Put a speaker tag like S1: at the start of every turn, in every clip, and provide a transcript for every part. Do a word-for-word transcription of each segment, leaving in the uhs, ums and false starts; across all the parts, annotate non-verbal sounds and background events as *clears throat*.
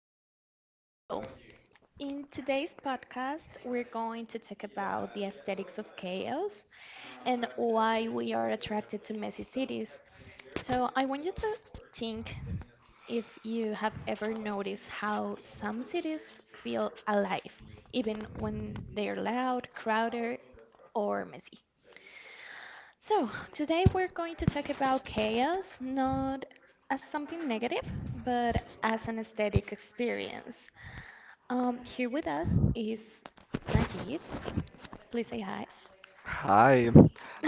S1: Um, well, in today's podcast, we're going to talk about the aesthetics of chaos and why we are attracted to messy cities. So, I want you to think if you have ever noticed how some cities feel alive, even when they're loud, crowded, or messy. So, today we're going to talk about chaos, not as something negative, but as an aesthetic experience. Um, here with us is Najid. Please say hi.
S2: Hi,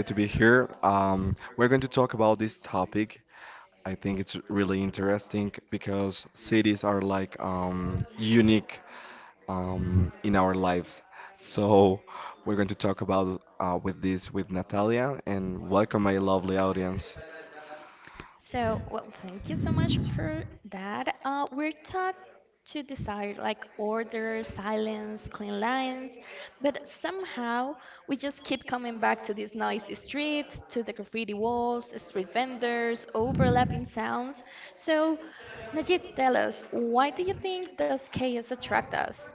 S2: I'm so excited to be here. Um, we're going to talk about this topic. I think it's really interesting because cities are like um, unique um, in our lives. So we're going to talk about uh, with this with Natalia, and welcome my lovely audience.
S1: So, well, thank you so much for that. Uh, we're taught to desire like order, silence, clean lines, but somehow we just keep coming back to these noisy streets, to the graffiti walls, street vendors, overlapping sounds. So, Najib, tell us, why do you think does chaos attract us?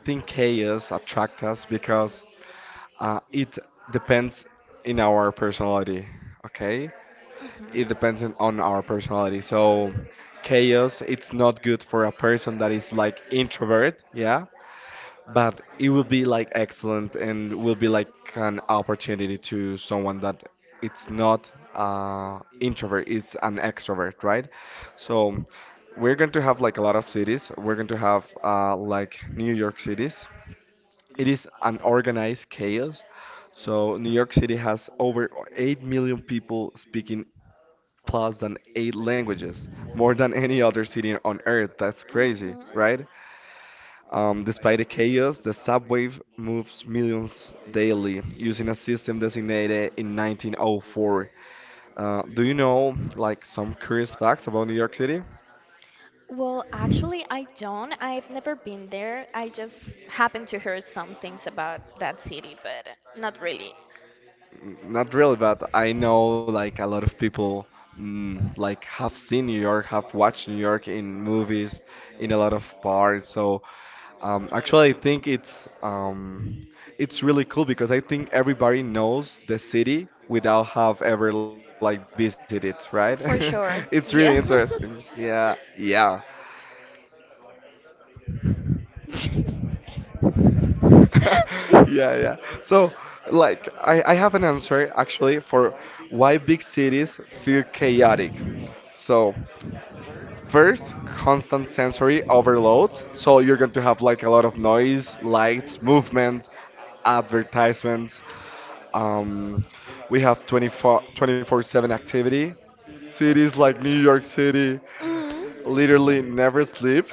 S2: Um, I think chaos attracts us because uh, it depends in our personality. Okay,
S1: Hmm.
S2: it depends on on our personality. So chaos, it's not good for a person that is like introvert, yeah, but it will be like excellent and will be like an opportunity to someone that it's not uh introvert, it's an extrovert, right? So we're going to have like a lot of cities. We're going to have uh like New York cities. It is an organized chaos. So New York City has over eight million people speaking plus than eight languages, more than any other city on Earth. That's
S1: Hmm.
S2: crazy, right? Um, despite the chaos, the subway moves millions daily using a system designated in nineteen oh four. Uh, do you know like some curious facts about New York City?
S1: Well, actually, I don't. I've never been there. I just happened to hear some things about that city, but not really.
S2: N- Not really, but I know like a lot of people mm, like have seen New York, have watched New York in movies, in a lot of bars. So Um, actually, I think it's um, it's really cool because I think everybody knows the city without have ever like visited, right? *laughs*
S1: For sure.
S2: It's really
S1: Yeah.
S2: interesting. Yeah,
S1: *laughs*
S2: yeah.
S1: *laughs* So I, I
S2: *laughs* Yeah, yeah. So, like, I, I have an answer actually for why big cities feel chaotic. So, first, constant sensory overload. So you're going to have like a lot of noise, lights, movement, advertisements. Um, we have 24 twenty-four seven activity. Cities like New York City
S1: Mm. *laughs*
S2: literally never sleep.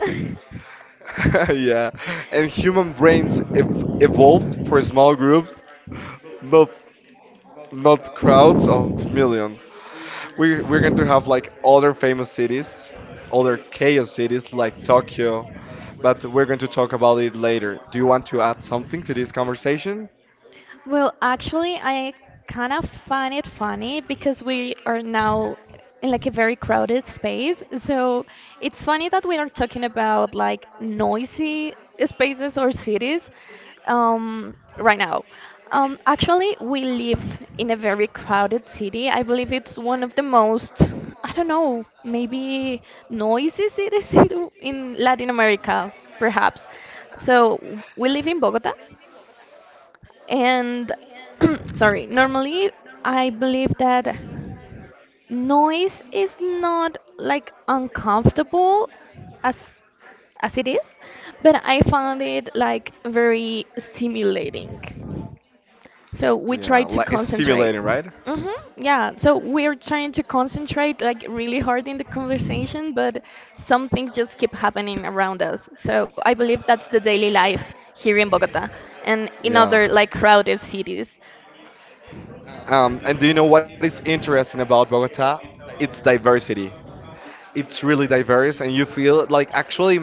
S1: *laughs*
S2: *laughs* Yeah, and human brains ev- evolved for small groups, not not crowds of millions. We're we're going to have like other famous cities, other chaos cities like Tokyo, but we're going to talk about it later. Do you want to add something to this conversation?
S1: Well, actually, I kind of find it funny because we are now in like a very crowded space. So it's funny that we are talking about like noisy spaces or cities um, right now. Um, actually, we live in a very crowded city. I believe it's one of the most, I don't know, maybe noisy cities *laughs* in, the- in Latin America, perhaps. So we live in Bogota and *clears throat* sorry, normally I believe that noise is not like uncomfortable as as it is, but I found it like very stimulating. So we
S2: Yeah,
S1: try
S2: like
S1: to
S2: it's stimulating,
S1: concentrate.
S2: right?
S1: Hmm. Yeah. So we're trying to concentrate like really hard in the conversation, but some things just keep happening around us. So I believe that's the daily life here in Bogota and in
S2: Yeah.
S1: other like crowded cities.
S2: Um, and do you know what is interesting about Bogota? Its diversity. It's really diverse and you feel like actually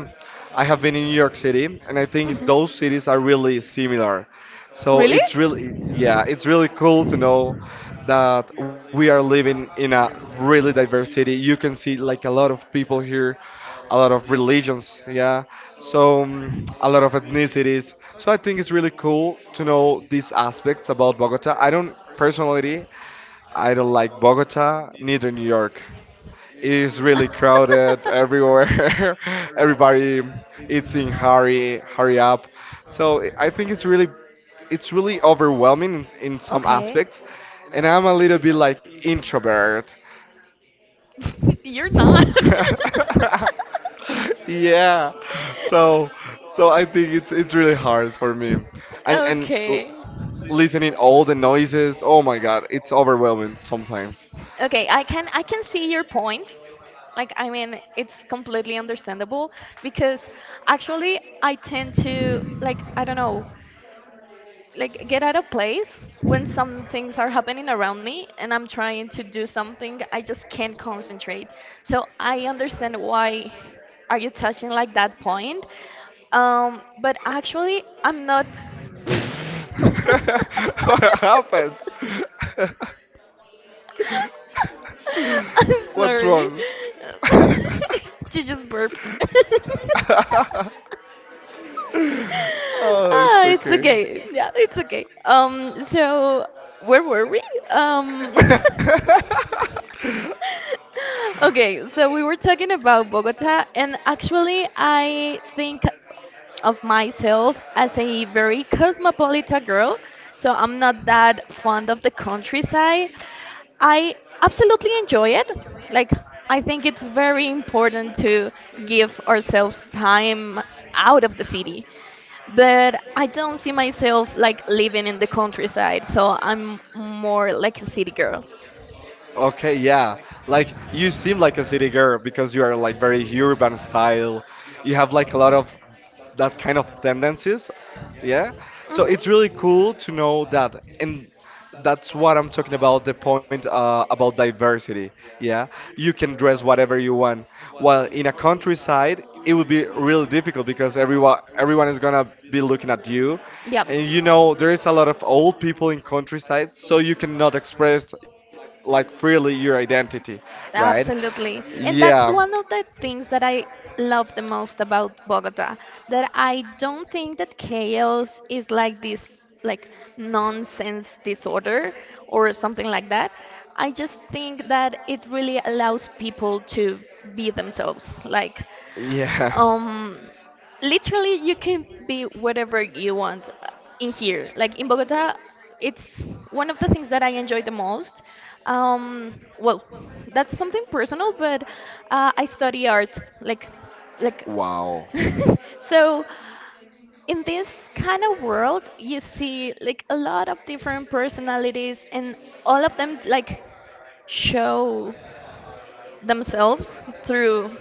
S2: I have been in New York City, and I think those cities are really similar. So it's really, yeah, it's really cool to know that we are living in a really diverse city. You can see like a lot of people here, a lot of religions, yeah. So mm, a lot of ethnicities. So I think it's really cool to know these aspects about Bogota. I don't personally, I don't like Bogota neither New York. It's really crowded everywhere. *laughs*
S1: *laughs*
S2: Everybody it's in hurry, hurry up. So I I think it's really, it's really overwhelming in, in some
S1: *laughs*
S2: aspects. And I'm a little bit like introvert.
S1: *laughs* You're
S2: *laughs*
S1: not.
S2: Yeah. So so I think it's it's really hard for me. And and l-
S1: Okay.
S2: listening all the noises, oh my God, it's overwhelming sometimes.
S1: Okay, I can I can see your point. Like I mean, it's completely understandable because actually I tend to like I don't know, like get out of place when some things are happening around me and I'm trying to do something I just can't concentrate. So I understand why are you touching like that point. Um, but actually I'm not. *laughs*
S2: *laughs* What happened? *laughs*
S1: I'm
S2: What's wrong?
S1: sorry.
S2: *laughs*
S1: *laughs* You just burped. *laughs*
S2: Oh, it's
S1: Ah, it's
S2: okay.
S1: okay. Yeah, it's okay. Um, so where were we? Um, *laughs*
S2: *laughs*
S1: *laughs* Okay, so we were talking about Bogota, and actually, I think of myself as a very cosmopolitan girl, so I'm not that fond of the countryside. I absolutely enjoy it. Like, I think it's very important to give ourselves time out of the city. But I don't see myself like living in the countryside, so I'm more like a city girl.
S2: Okay, yeah. Like you seem like a city girl because you are like very urban style. You have like a lot of that kind of tendencies. Yeah. So it's really cool to know that, and that's what I'm talking about the point uh, about diversity. Yeah. You can dress whatever you want. While in a countryside, it would be really difficult because everyone everyone is gonna be looking at you. And you know, there is a lot of old people in countryside, so you cannot express like freely your identity, right?
S1: Absolutely. And
S2: Yeah,
S1: that's one of the things that I love the most about Bogota, that I don't think that chaos is like this like nonsense disorder or something like that. I just think that it really allows people to be themselves. Like,
S2: yeah.
S1: um, literally you can be whatever you want uh, in here like in Bogota it's one of the things that I enjoy the most. Um, well, that's something personal, but uh, I study art like like
S2: Wow.
S1: *laughs* so in this kind of world you see like a lot of different personalities and all of them like show themselves through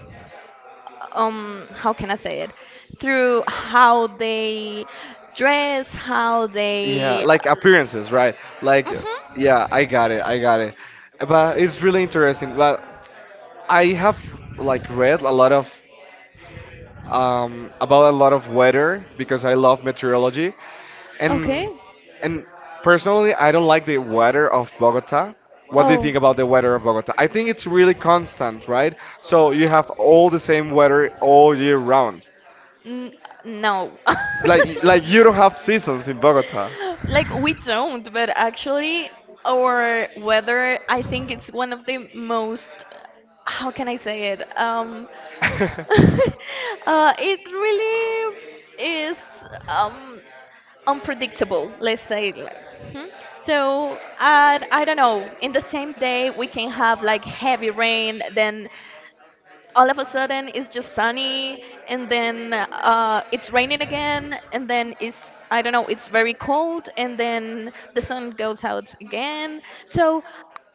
S1: um, how can I say it, through how they dress, how
S2: Yeah,
S1: they
S2: like appearances, right? Like,
S1: Mhm.
S2: yeah, I got it, I got it. But it's really interesting. But I have like read a lot of um, about a lot of weather because I love meteorology,
S1: Okay.
S2: and and personally I don't like the weather of Bogota. What do you think about the weather of Bogota? I think it's really constant, right? So you have all the same weather all year
S1: Oh.
S2: round.
S1: N- no. *laughs*
S2: Like like you don't have seasons in Bogota.
S1: Like we don't, but actually our weather, I think it's one of the most, how can I say it? Um, *laughs*
S2: *laughs*
S1: uh, it really is um, unpredictable, let's say. It like- Hmm? So, uh, I don't know. In the same day, we can have like heavy rain, then all of a sudden it's just sunny and then uh, it's raining again and then it's I don't know, it's very cold and then the sun goes out again, so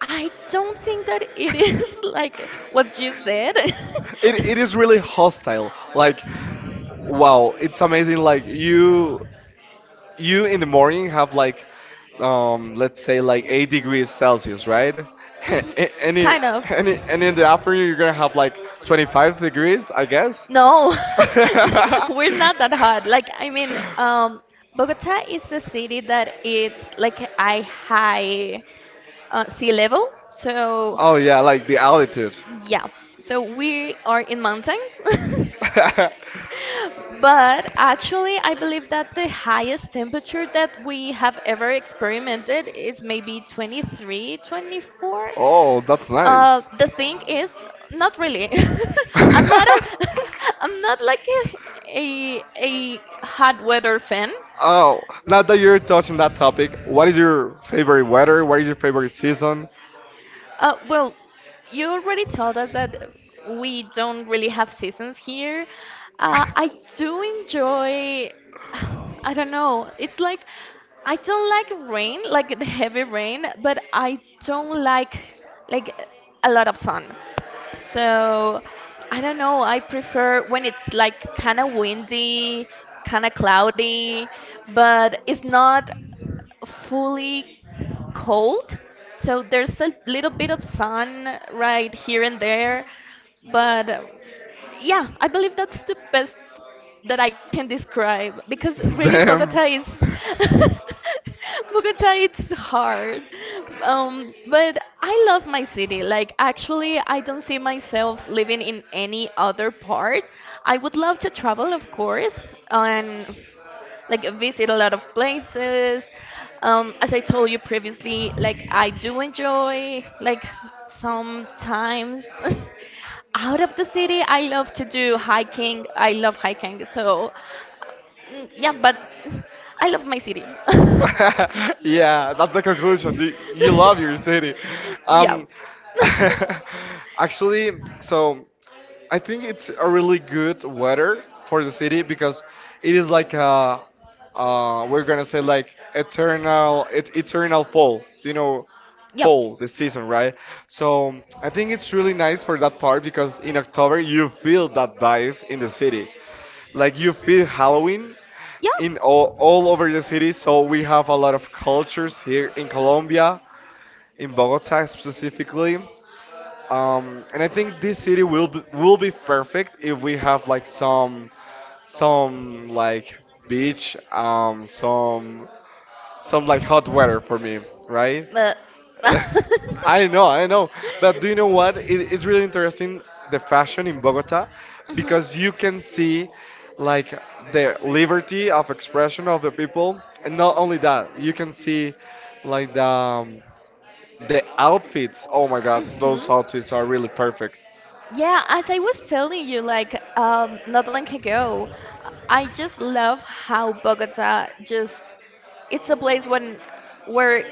S1: I don't think that it is *laughs* like what you said.
S2: it, it is really hostile. Like, wow, it's amazing. Like you
S1: *laughs*
S2: you in the morning have like um let's say like eight degrees Celsius, right?
S1: *laughs*
S2: *laughs*
S1: Mhm.
S2: and, in,
S1: Kind of.
S2: and, in, and in the afternoon you're gonna have like twenty-five degrees, I guess.
S1: No,
S2: *laughs*
S1: *laughs* *laughs* we're not that hot. Like, I mean, um, Bogota is a city that it's like a high uh, sea level. So,
S2: Oh yeah, like the altitude.
S1: yeah. So we are in mountains. *laughs*
S2: *laughs*
S1: But actually, I believe that the highest temperature that we have ever experimented is maybe twenty-three, twenty-four.
S2: Oh, that's
S1: Uh,
S2: nice.
S1: the thing is, not really. *laughs* I'm not a,
S2: *laughs*
S1: *laughs* I'm not like a, a, a hot weather fan.
S2: Oh, now that you're touching that topic, what is your favorite weather, what is your favorite season?
S1: Uh, well, you already told us that we don't really have seasons here. Uh, I do
S2: *laughs*
S1: enjoy, *sighs* I don't know, it's like I don't like rain, like the heavy rain, but I don't like like a lot of sun. So I don't know, I prefer when it's like kind of windy, kind of cloudy, but it's not fully cold. So there's a little bit of sun right here and there. But um, yeah, I believe that's the best that I can describe because really Bogota
S2: Damn.
S1: is *laughs*
S2: *laughs*
S1: Bogota it's hard. Um, but I love my city. Like actually I don't see myself living in any other part. I would love to travel of course and like visit a lot of places. Um, as I told you previously, like I do enjoy like sometimes *laughs* out of the city. I love to do hiking. I love hiking. So Mm, yeah, but *laughs* I love my city. *laughs* Yeah.
S2: Yeah, that's the conclusion. You, you love your city.
S1: *laughs*
S2: Um, *laughs* Actually, so, I think it's a really good weather for the city because it is like a, uh, we're gonna say like eternal, et eternal fall. You know, fall the season, right? So I think it's really nice for that part because in October you feel that vibe in the city, like you feel Halloween
S1: Yep.
S2: in all,
S1: Yeah.
S2: all over the city. So we have a lot of cultures here in Colombia, in Bogota specifically. Um, and I think this city will be, will be perfect if we have like some some like beach, um, some some like hot weather for me, right?
S1: But *laughs*
S2: *laughs*
S1: Mhm.
S2: I know, I know. But do you know what? It, it's really interesting the fashion in Bogota
S1: Mhm.
S2: because you can see like the liberty of expression of the people, and not only that, you can see like the um, the outfits. Oh my God, those outfits are really perfect.
S1: Yeah, as I was telling you, like um, not long ago, I just love how Bogota just it's a place when where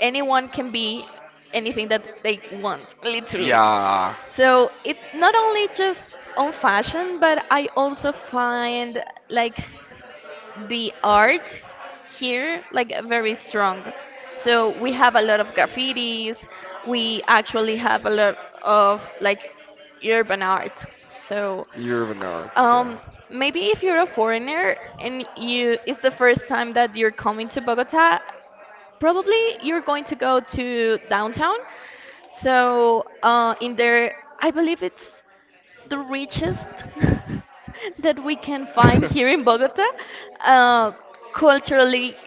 S1: anyone can be anything that they want, *laughs* literally.
S2: Yeah,
S1: So it not only just on fashion, but I also find like the art here like very strong. So we have a lot of graffitis. We actually have a lot of like urban art. So
S2: you're not. Yeah.
S1: um, maybe if you're a foreigner and you it's the first time that you're coming to Bogota, probably you're going to go to downtown. So uh, in there, I believe it's the richest *laughs* that we can find here in Bogota,
S2: *laughs*
S1: uh, culturally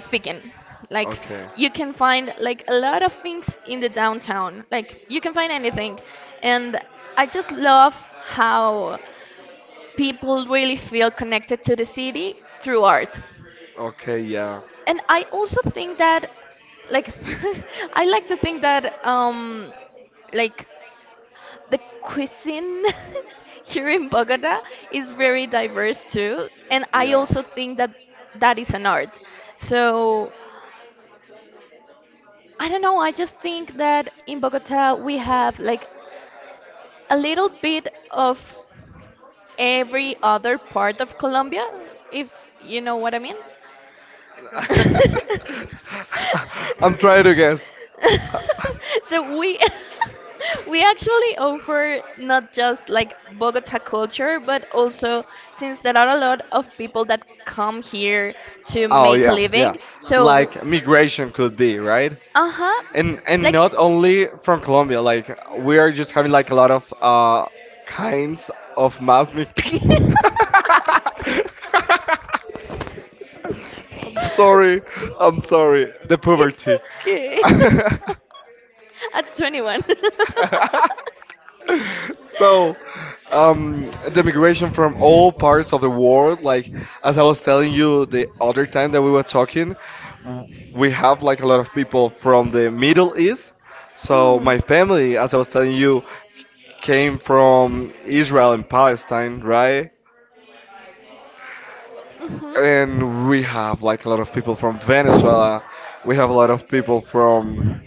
S1: speaking. Like
S2: Okay.
S1: you can find like a lot of things in the downtown. Like you can find anything, and I just love how people really feel connected to the city through art.
S2: Okay. Yeah.
S1: And I also think that, like, *laughs* I like to think that, um, like, the cuisine *laughs* here in Bogota is very diverse too, and I
S2: Yeah.
S1: also think that that is an art. So I don't know. I just think that in Bogota we have like a little bit of every other part of Colombia, if you know what I mean. *laughs*
S2: *laughs* I'm trying to guess. *laughs*
S1: So we *laughs* we actually offer not just like Bogota culture, but also since there are a lot of people that come here to
S2: Oh
S1: make a
S2: yeah, yeah.
S1: living. So,
S2: Like migration could be, right?
S1: uh huh,
S2: And and
S1: like
S2: not only from Colombia, like we are just having like a lot of uh kinds of mass mig *laughs*
S1: *laughs*
S2: Sorry, I'm sorry. The
S1: *laughs* It's
S2: poverty.
S1: okay.
S2: *laughs*
S1: *laughs* At twenty-one. *laughs*
S2: *laughs* So, um, the migration from all parts of the world, like as I was telling you the other time that we were talking, w- we have like a lot of people from the Middle East. So
S1: Mm.
S2: my family, as I was telling you, came from Israel and Palestine, right?
S1: Mhm.
S2: And we have like a lot of people from Venezuela. We have a lot of people from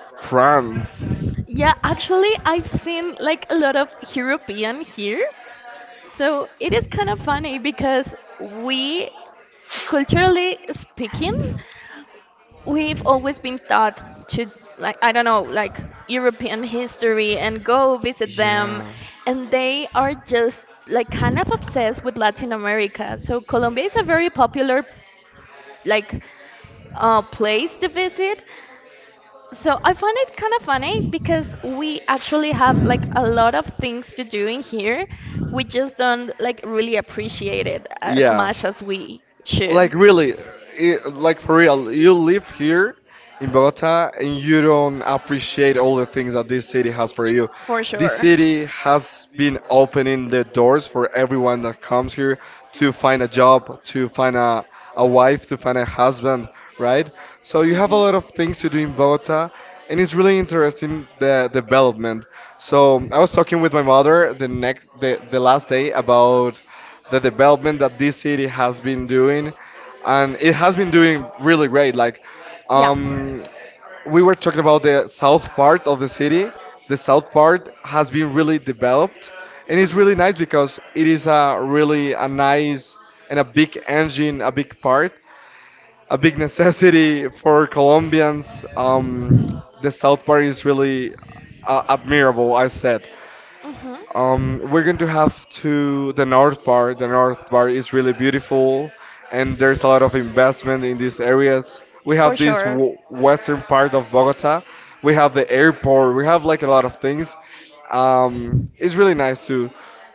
S2: France.
S1: Yeah, actually, I've seen like a lot of European here, so it is kind of funny because we, culturally speaking, we've always been taught to, like, I don't know, like European history and go visit
S2: Yeah.
S1: them. And they are just like kind of obsessed with Latin America. So Colombia is a very popular, like, uh, place to visit, so I find it kind of funny because we actually have like a lot of things to do in here. We just don't like really appreciate it as
S2: Yeah.
S1: much as we should.
S2: Like really, I like for real, you live here in Bogota and you don't appreciate all the things that this city has for you.
S1: For
S2: This
S1: sure.
S2: city has been opening the doors for everyone that comes here to find a job, to find a, a wife, to find a husband, right? So you have a lot of things to do in Bogota, and it's really interesting the development. So I was talking with my mother the next the, the last day about the development that this city has been doing, and it has been doing really great. Like, um, we were talking about the south part of the city. The south part has been really developed, and it's really nice because it is a really a nice and a big engine, a big part, a big *laughs* necessity for Colombians. Um, the south part is really uh, admirable, I said.
S1: Mhm.
S2: Um, we're going to have to the north part. The north part is really beautiful, and there's a lot of investment in these areas. We
S1: For
S2: have this
S1: sure.
S2: w western part of Bogota. We have the airport. We have like a lot of things. Um, it's really nice to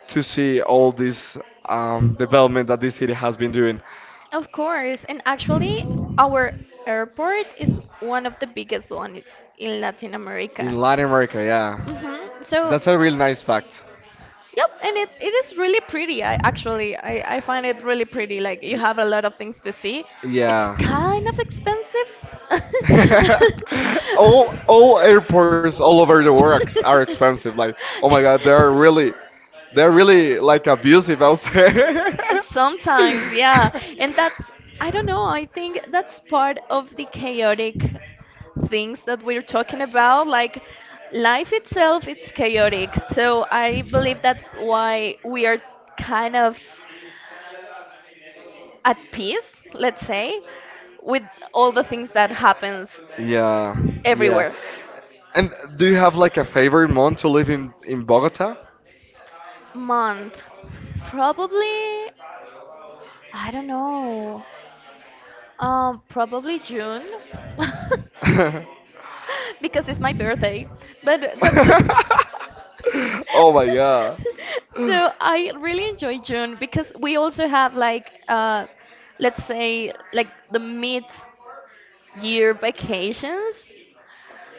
S2: to see all this um, development that this city has been doing
S1: Of course, and actually, our airport is one of the biggest ones in Latin America.
S2: in Latin America. Yeah,
S1: Hmm. So,
S2: that's a really nice fact.
S1: yep, and it, it is really pretty. I actually I, I find it really pretty. Like you
S2: Y-
S1: have a lot of things to see. It's
S2: Yeah.
S1: kind of expensive.
S2: *laughs* all all airports all over the world ex- are expensive. Like, oh my God, they're really, they're really like abusive, I'll say.
S1: *laughs*
S2: *laughs*
S1: Sometimes, yeah. And that's I don't know, I think that's part of the chaotic things that we're talking about like life itself it's chaotic so I believe that's why we are kind of at peace let's say with all the things that happens
S2: Yeah, yeah.
S1: everywhere.
S2: And do you have like a favorite month to live in in Bogota?
S1: Month, probably I don't know, um, probably June.
S2: *laughs*
S1: *laughs*
S2: *laughs*
S1: Because it's my birthday but that's *laughs*
S2: Oh my God.
S1: *laughs* so I really enjoy June because we also have like uh, let's say like the mid year vacations.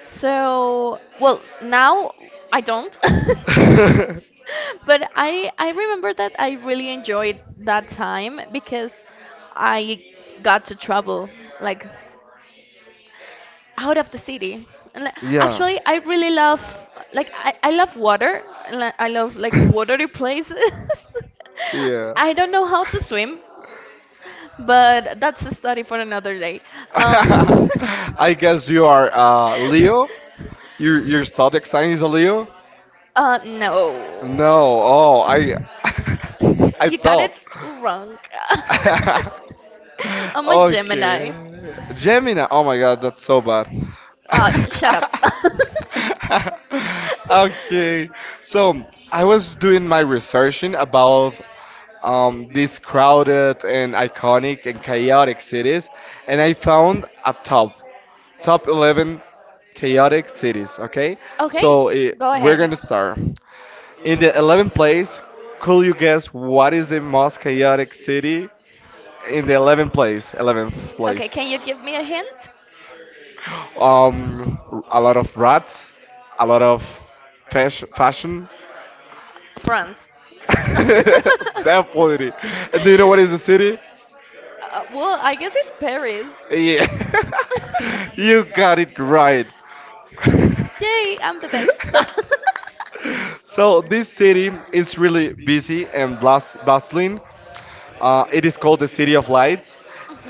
S1: So well now I don't *laughs*
S2: *laughs*
S1: but I I remember that I really enjoyed that time because I got to travel like out of the city. And, like,
S2: Yeah. *laughs*
S1: actually, I really love like I, I love water. And, like, I love like watery places. *laughs*
S2: Yeah.
S1: I don't know how to swim, but that's a study for another day.
S2: *laughs*
S1: Um,
S2: I guess
S1: *laughs*
S2: you are uh, Leo. Your your zodiac sign is a Leo.
S1: uh, no.
S2: No. Oh, I *laughs*
S1: *laughs*
S2: I
S1: You got
S2: thought.
S1: it wrong. *laughs*
S2: *laughs*
S1: I'm a Gemini.
S2: Okay. Gemini. Oh my god, that's so bad.
S1: Uh, shut up. *laughs*
S2: *laughs* Okay. So I was doing my researching about um, these crowded and iconic and chaotic cities, and I found a top top eleven chaotic cities. Okay.
S1: Okay,
S2: So eh,
S1: go
S2: we're
S1: ahead.
S2: gonna start. In the eleventh place, could you guess what is the most chaotic city? In the eleventh place eleventh
S1: Okay,
S2: place
S1: can you give me a hint?
S2: um a lot of rats, a lot of fash- fashion
S1: France.
S2: *laughs* that
S1: *laughs*
S2: polity, and do you know what is the city?
S1: Uh, well, I guess it's Paris.
S2: Yeah. *laughs* You
S1: *laughs*
S2: got it right.
S1: Yay, I'm the best. *laughs*
S2: *laughs* So this city is really busy and blas- bustling. Uh, it is called the City of Lights,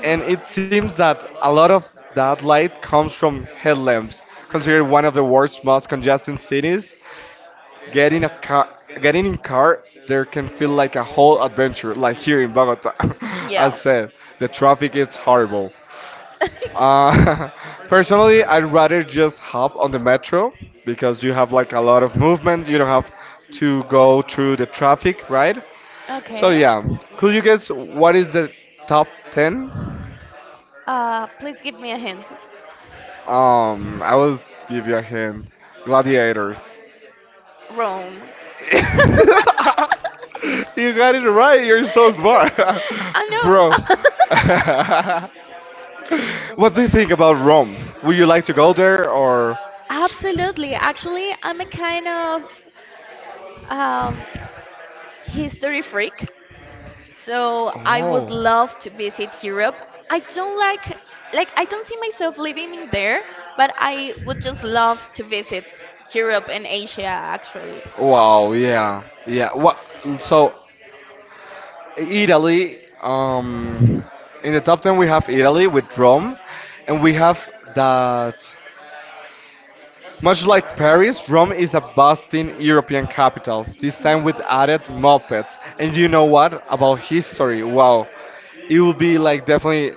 S2: and it seems that a lot of that light comes from headlamps, considered one of the world's most congested cities.
S1: Mhm.
S2: Getting a car, Getting in car there can feel like a whole adventure, like here in Bogota. *laughs* As said, the traffic is horrible. Uh, *laughs*
S1: *laughs*
S2: Personally, I'd rather just hop on the metro because you have like a lot of movement. You don't have to go through the traffic, right?
S1: *laughs*
S2: So
S1: Okay.
S2: yeah, could you guess what is the top ten?
S1: Uh, please give me a hint.
S2: Um, I will give you a hint. Gladiators.
S1: Rome. *laughs*
S2: *laughs*
S1: *laughs* Man,
S2: you got it right. You're so smart,
S1: *laughs* I
S2: *laughs* bro.
S1: know.
S2: *laughs*
S1: *laughs*
S2: what do you think about Rome? Would you like to go there or?
S1: Absolutely. Actually, I'm a kind of um, history freak, so I would
S2: Oh,
S1: love to visit Europe. I don't like, like, I don't see myself living in there, but I would just love to visit Europe and Asia, actually.
S2: wow. Yeah, yeah. What? So, Italy. Um, in the top ten we have Italy with Rome, and we have that. Much like Paris, Rome is a bustling European capital, this time with added mopeds. And you know what? About history, wow. It will be like definitely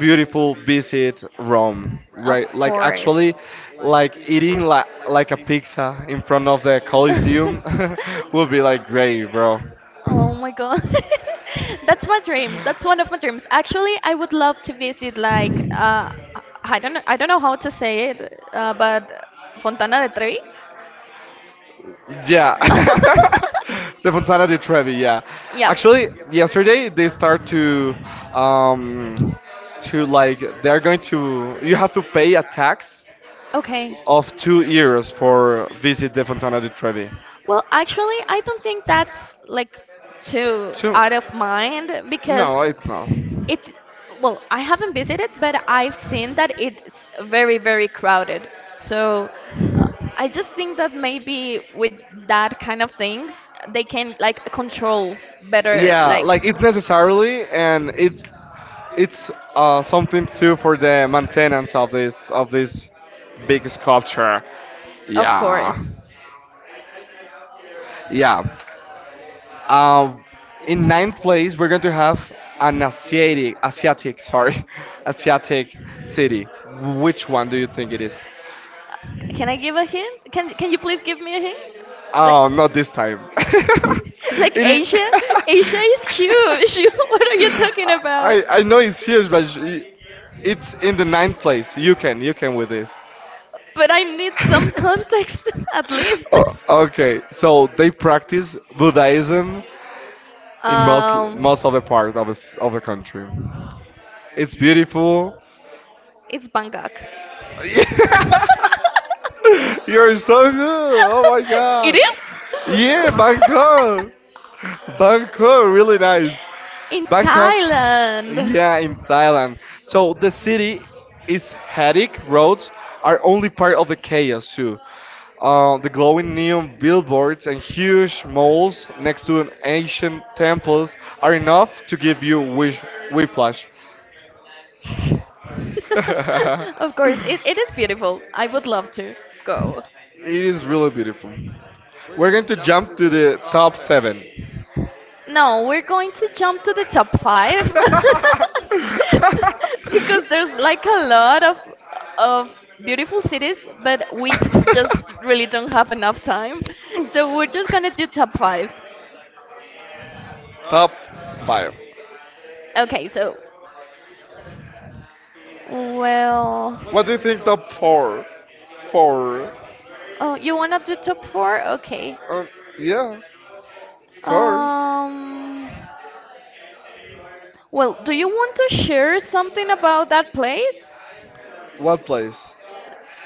S2: beautiful visit Rome, right? Like actually, like eating like like a pizza in front of the Colosseum *laughs*
S1: *laughs*
S2: will be like great, bro.
S1: Oh my god. *laughs* That's my dream. That's one of my dreams. Actually, I would love to visit like uh I I don't know I don't know how to say it, uh, but Fontana de Trevi.
S2: Yeah.
S1: *laughs*
S2: *laughs* the Fontana di Trevi, yeah.
S1: Yeah.
S2: Actually, yesterday they start to um to like they are going to you have to pay a tax
S1: Okay.
S2: of two euros for visit the Fontana di Trevi.
S1: Well, actually, I don't think that's like too
S2: So
S1: out of mind because
S2: no, it's not.
S1: it well I haven't visited but I've seen that it's very very crowded so uh, I just think that maybe with that kind of things they can like control better
S2: Yeah,
S1: like
S2: like it's necessarily and it's it's uh something too for the maintenance of this of this big sculpture.
S1: of
S2: Yeah.
S1: course.
S2: Yeah. Um, in ninth place, we're going to have an Asiatic, Asiatic, sorry, *laughs* Asiatic city. Which one do you think it is?
S1: Can I give a hint? Can Can you please give me a hint? Like,
S2: Oh, not this time.
S1: *laughs*
S2: *laughs*
S1: like
S2: it is.
S1: Asia?
S2: *laughs*
S1: Asia is huge. *laughs* What are you talking about?
S2: I I know it's huge, but sh- it's in the ninth place. You can you can with this.
S1: But I need some
S2: *laughs*
S1: context, *laughs* at least.
S2: O- okay, so they practice Buddhism in most
S1: Um,
S2: most of the part of the, s- of the country. It's beautiful.
S1: it's Bangkok. *laughs*
S2: *laughs* You're so good. Oh my
S1: It
S2: god.
S1: is?
S2: Yeah,
S1: *laughs*
S2: Bangkok. Bangkok, really nice.
S1: In
S2: Bangkok.
S1: Thailand. *laughs*
S2: Yeah, in Thailand. So the city is hectic. Roads are only part of the chaos too. Uh, the glowing neon billboards and huge malls next to an ancient temples are enough to give you wish whiplash.
S1: Of course, it,
S2: *laughs*
S1: it is beautiful. I would love to go.
S2: It is really beautiful. We're going to jump to the top seven. *laughs*
S1: No, we're going to jump to the top five *laughs* because there's like a lot of of beautiful cities, but we just really don't have enough time. So we're just gonna do top five.
S2: top five.
S1: Okay, so well,
S2: What do you think top four? Four.
S1: oh, you wanna do top four? Okay.
S2: Uh, yeah, of course.
S1: Um, well, do you want to share something about that place?
S2: What place?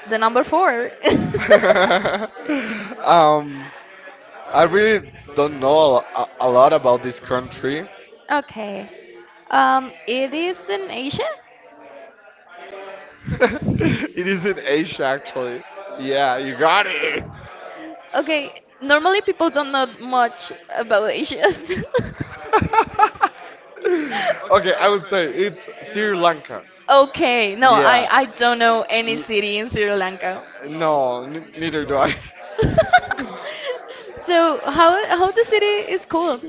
S1: The number four.
S2: *laughs*
S1: *laughs*
S2: um, I really don't know a, a lot about this country.
S1: Okay. Um, it is in Asia?
S2: *laughs* it is in Asia, actually. Yeah, you got it.
S1: Okay, normally people don't know much about Asia. *laughs* So—
S2: *laughs* okay, I would say it's Sri Lanka.
S1: okay, no, I,
S2: Yeah.
S1: I don't know any
S2: Ye-
S1: city in Sri Lanka.
S2: No, n-
S1: *laughs*
S2: neither do I. *laughs*
S1: So how how the city is called?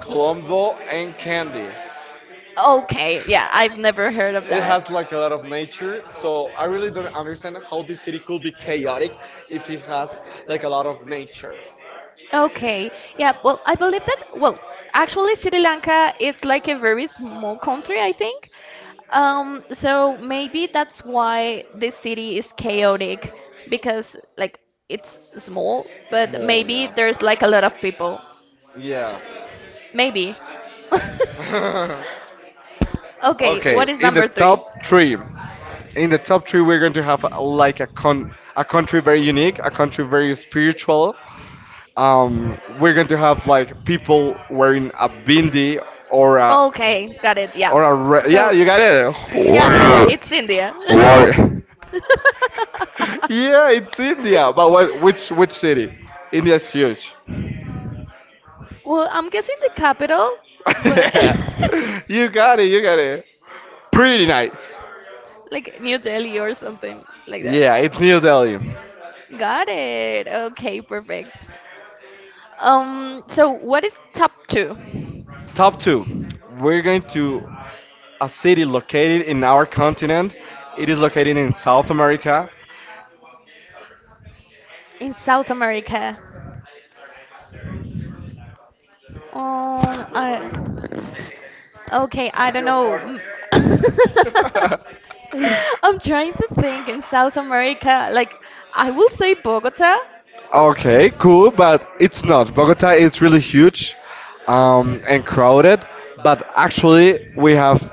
S2: Colombo and Candy.
S1: Okay, yeah, I've never heard of
S2: It
S1: that.
S2: has like a lot of nature, so I really don't understand how this city could be chaotic if it has like a lot of nature.
S1: Okay, yeah, well, I believe that, well, actually, Sri Lanka is like a very small country, I think. Um, so maybe that's why this city is chaotic because, like, it's small, but
S2: Small,
S1: maybe
S2: yeah.
S1: there's like a lot of people.
S2: Yeah.
S1: Maybe. *laughs*
S2: *laughs*
S1: Okay,
S2: Okay,
S1: what is
S2: in the
S1: number three?
S2: top three, in the top three, we're going to have uh, like a con a country very unique, a country very spiritual. Um, we're going to have like people wearing a bindi or a
S1: Okay, got it. Yeah.
S2: or a re yeah,
S1: So,
S2: you got it.
S1: yeah, yeah, yeah,
S2: What?
S1: it's India. *laughs*
S2: What? *laughs* Yeah, it's India, but what? Which which city? India's huge.
S1: Well, I'm guessing the capital, but
S2: *laughs* You
S1: *laughs*
S2: got it. You got it. Pretty nice.
S1: like New Delhi or something like that.
S2: Yeah, it's New Delhi.
S1: Got it. Okay, perfect. Um, so what is top two
S2: Top two. We're going to a city located in our continent. It is located in South America.
S1: in South America? Um, I, okay, I don't know. Mm.
S2: *laughs*
S1: *laughs* I'm trying to think in South America. Like, I will say Bogota.
S2: Okay, cool, but it's not. Bogota is really huge um, and crowded, but actually, we have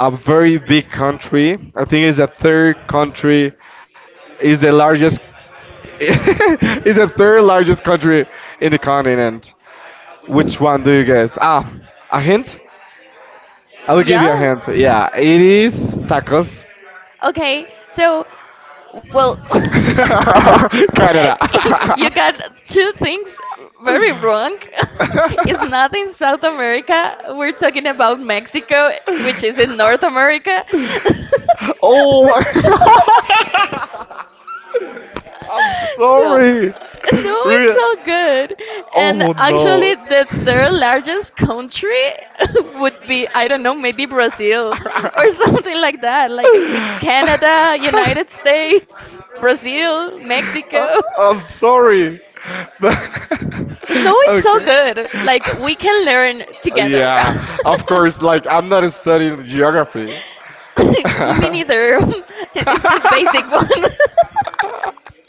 S2: a very big country. I think it's the third country, is the largest, *laughs* is the third largest country in the continent. Which one do you guess? Ah, a hint? I'll give you
S1: Yeah.
S2: a hint. Yeah, it is tacos.
S1: Okay, so, well,
S2: *laughs* Canada.
S1: *laughs* you got two things very wrong. *laughs* It's not in South America. We're talking about Mexico, which is in North America. *laughs*
S2: Oh my *laughs* I'm
S1: So,
S2: sorry.
S1: *laughs* no, it's
S2: Real.
S1: all good. And
S2: Oh no.
S1: actually, the third largest country *laughs* would be, I don't know, maybe Brazil or *laughs* something like that. Like, it's Canada, United
S2: *laughs*
S1: States, Brazil,
S2: *laughs*
S1: Mexico.
S2: Uh, I'm sorry. *laughs* But
S1: No,
S2: *laughs*
S1: it's so
S2: okay.
S1: good. Like, we can learn together.
S2: Yeah,
S1: *laughs*
S2: of course, like I'm not studying geography.
S1: Me neither. *laughs* It's just basic
S2: *laughs*
S1: one.
S2: *laughs*
S1: *laughs*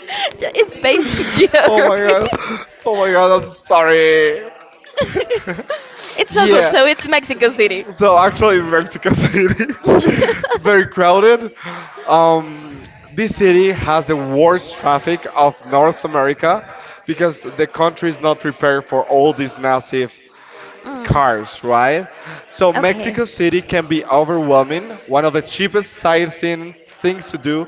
S1: *laughs* Ju- it's basic
S2: Oh my
S1: geography.
S2: god. Oh my god, I'm sorry.
S1: *laughs*
S2: *laughs*
S1: It's so good.
S2: yeah.
S1: So it's Mexico City.
S2: So actually it's Mexico City. *laughs* Very
S1: *laughs*
S2: crowded. Um this city has the worst traffic of North America because the country is not prepared for all this massive
S1: Mm.
S2: cars, right? So
S1: Okay.
S2: Mexico City can be overwhelming. One of the cheapest sightseeing things to do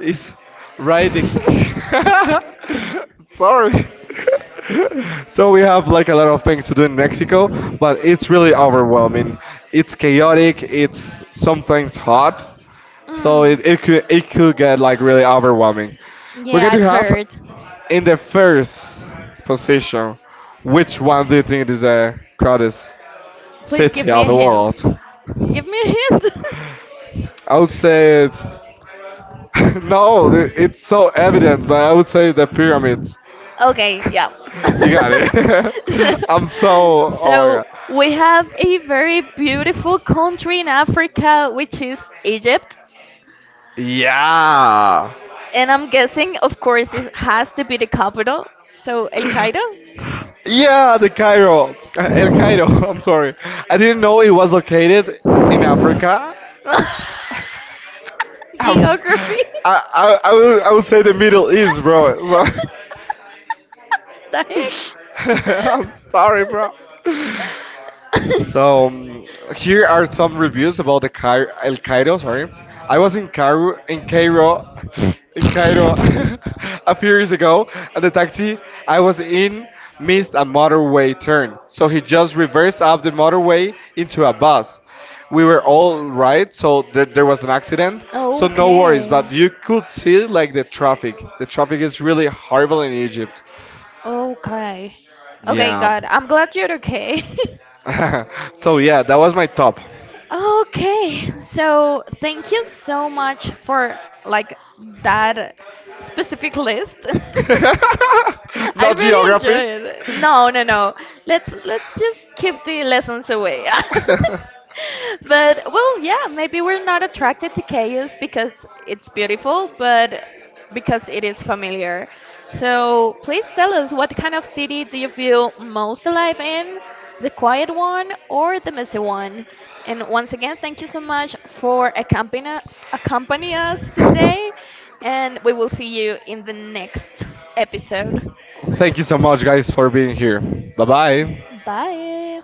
S2: is ride the. *laughs* Sorry. *laughs* so we have like a lot of things to do in Mexico, but it's really overwhelming. It's chaotic. It's sometimes hot, so
S1: Mm.
S2: it, it could it could get like really overwhelming. We're
S1: Yeah,
S2: going
S1: I've
S2: to have
S1: heard.
S2: in the first position. Which one do you think is the crowdest
S1: Please give
S2: city
S1: me
S2: of
S1: a
S2: the
S1: hint.
S2: world?
S1: Give me a hint. *laughs*
S2: I would say *laughs* no, the- it's so evident, but I would say the pyramids. *laughs*
S1: Okay, yeah.
S2: You got it.
S1: *laughs*
S2: *laughs* I'm so oh my
S1: So
S2: god.
S1: we have a very beautiful country in Africa, which is Egypt.
S2: Yeah.
S1: And I'm guessing, of course, it has to be the capital. So El Cairo?
S2: Yeah, the Cairo. El Cairo, *laughs* I'm sorry. I didn't know it was located in Africa. *laughs*
S1: *laughs*
S2: Um, I,
S1: Geography.
S2: I, I, would, I would say the Middle East, bro.
S1: *laughs* The heck?
S2: So- *laughs* I'm sorry, bro. *laughs* So um, here are some reviews about the Cairo, El Cairo. Sorry, I was in Cairo, in Cairo, *laughs* in Cairo *laughs* a
S1: *laughs*
S2: few years ago, and the taxi I was in missed a motorway turn, so he just reversed up the motorway into a bus. We were all right, so there, there was an accident, so no worries. But
S1: Okay.
S2: you could see like the traffic. The traffic is really horrible in Egypt.
S1: Okay. Okay,
S2: Yeah.
S1: God, I'm glad you're okay. *laughs*
S2: *laughs* so yeah, that was my top.
S1: Okay, so thank you so much for like that specific list. *laughs*
S2: *laughs*
S1: I
S2: Not
S1: really enjoy
S2: geography.
S1: it. No, no, no. Let's let's just keep the lessons away.
S2: *laughs*
S1: *laughs* But well, yeah, maybe we're not attracted to chaos because it's beautiful, but because it is familiar. So please tell us what kind of city do you feel most alive in, the quiet one or the messy one? And once again, thank you so much for accompanying accompany us today, and we will see you in the next episode.
S2: Thank you so much, guys, for being here. Bye bye.
S1: Bye.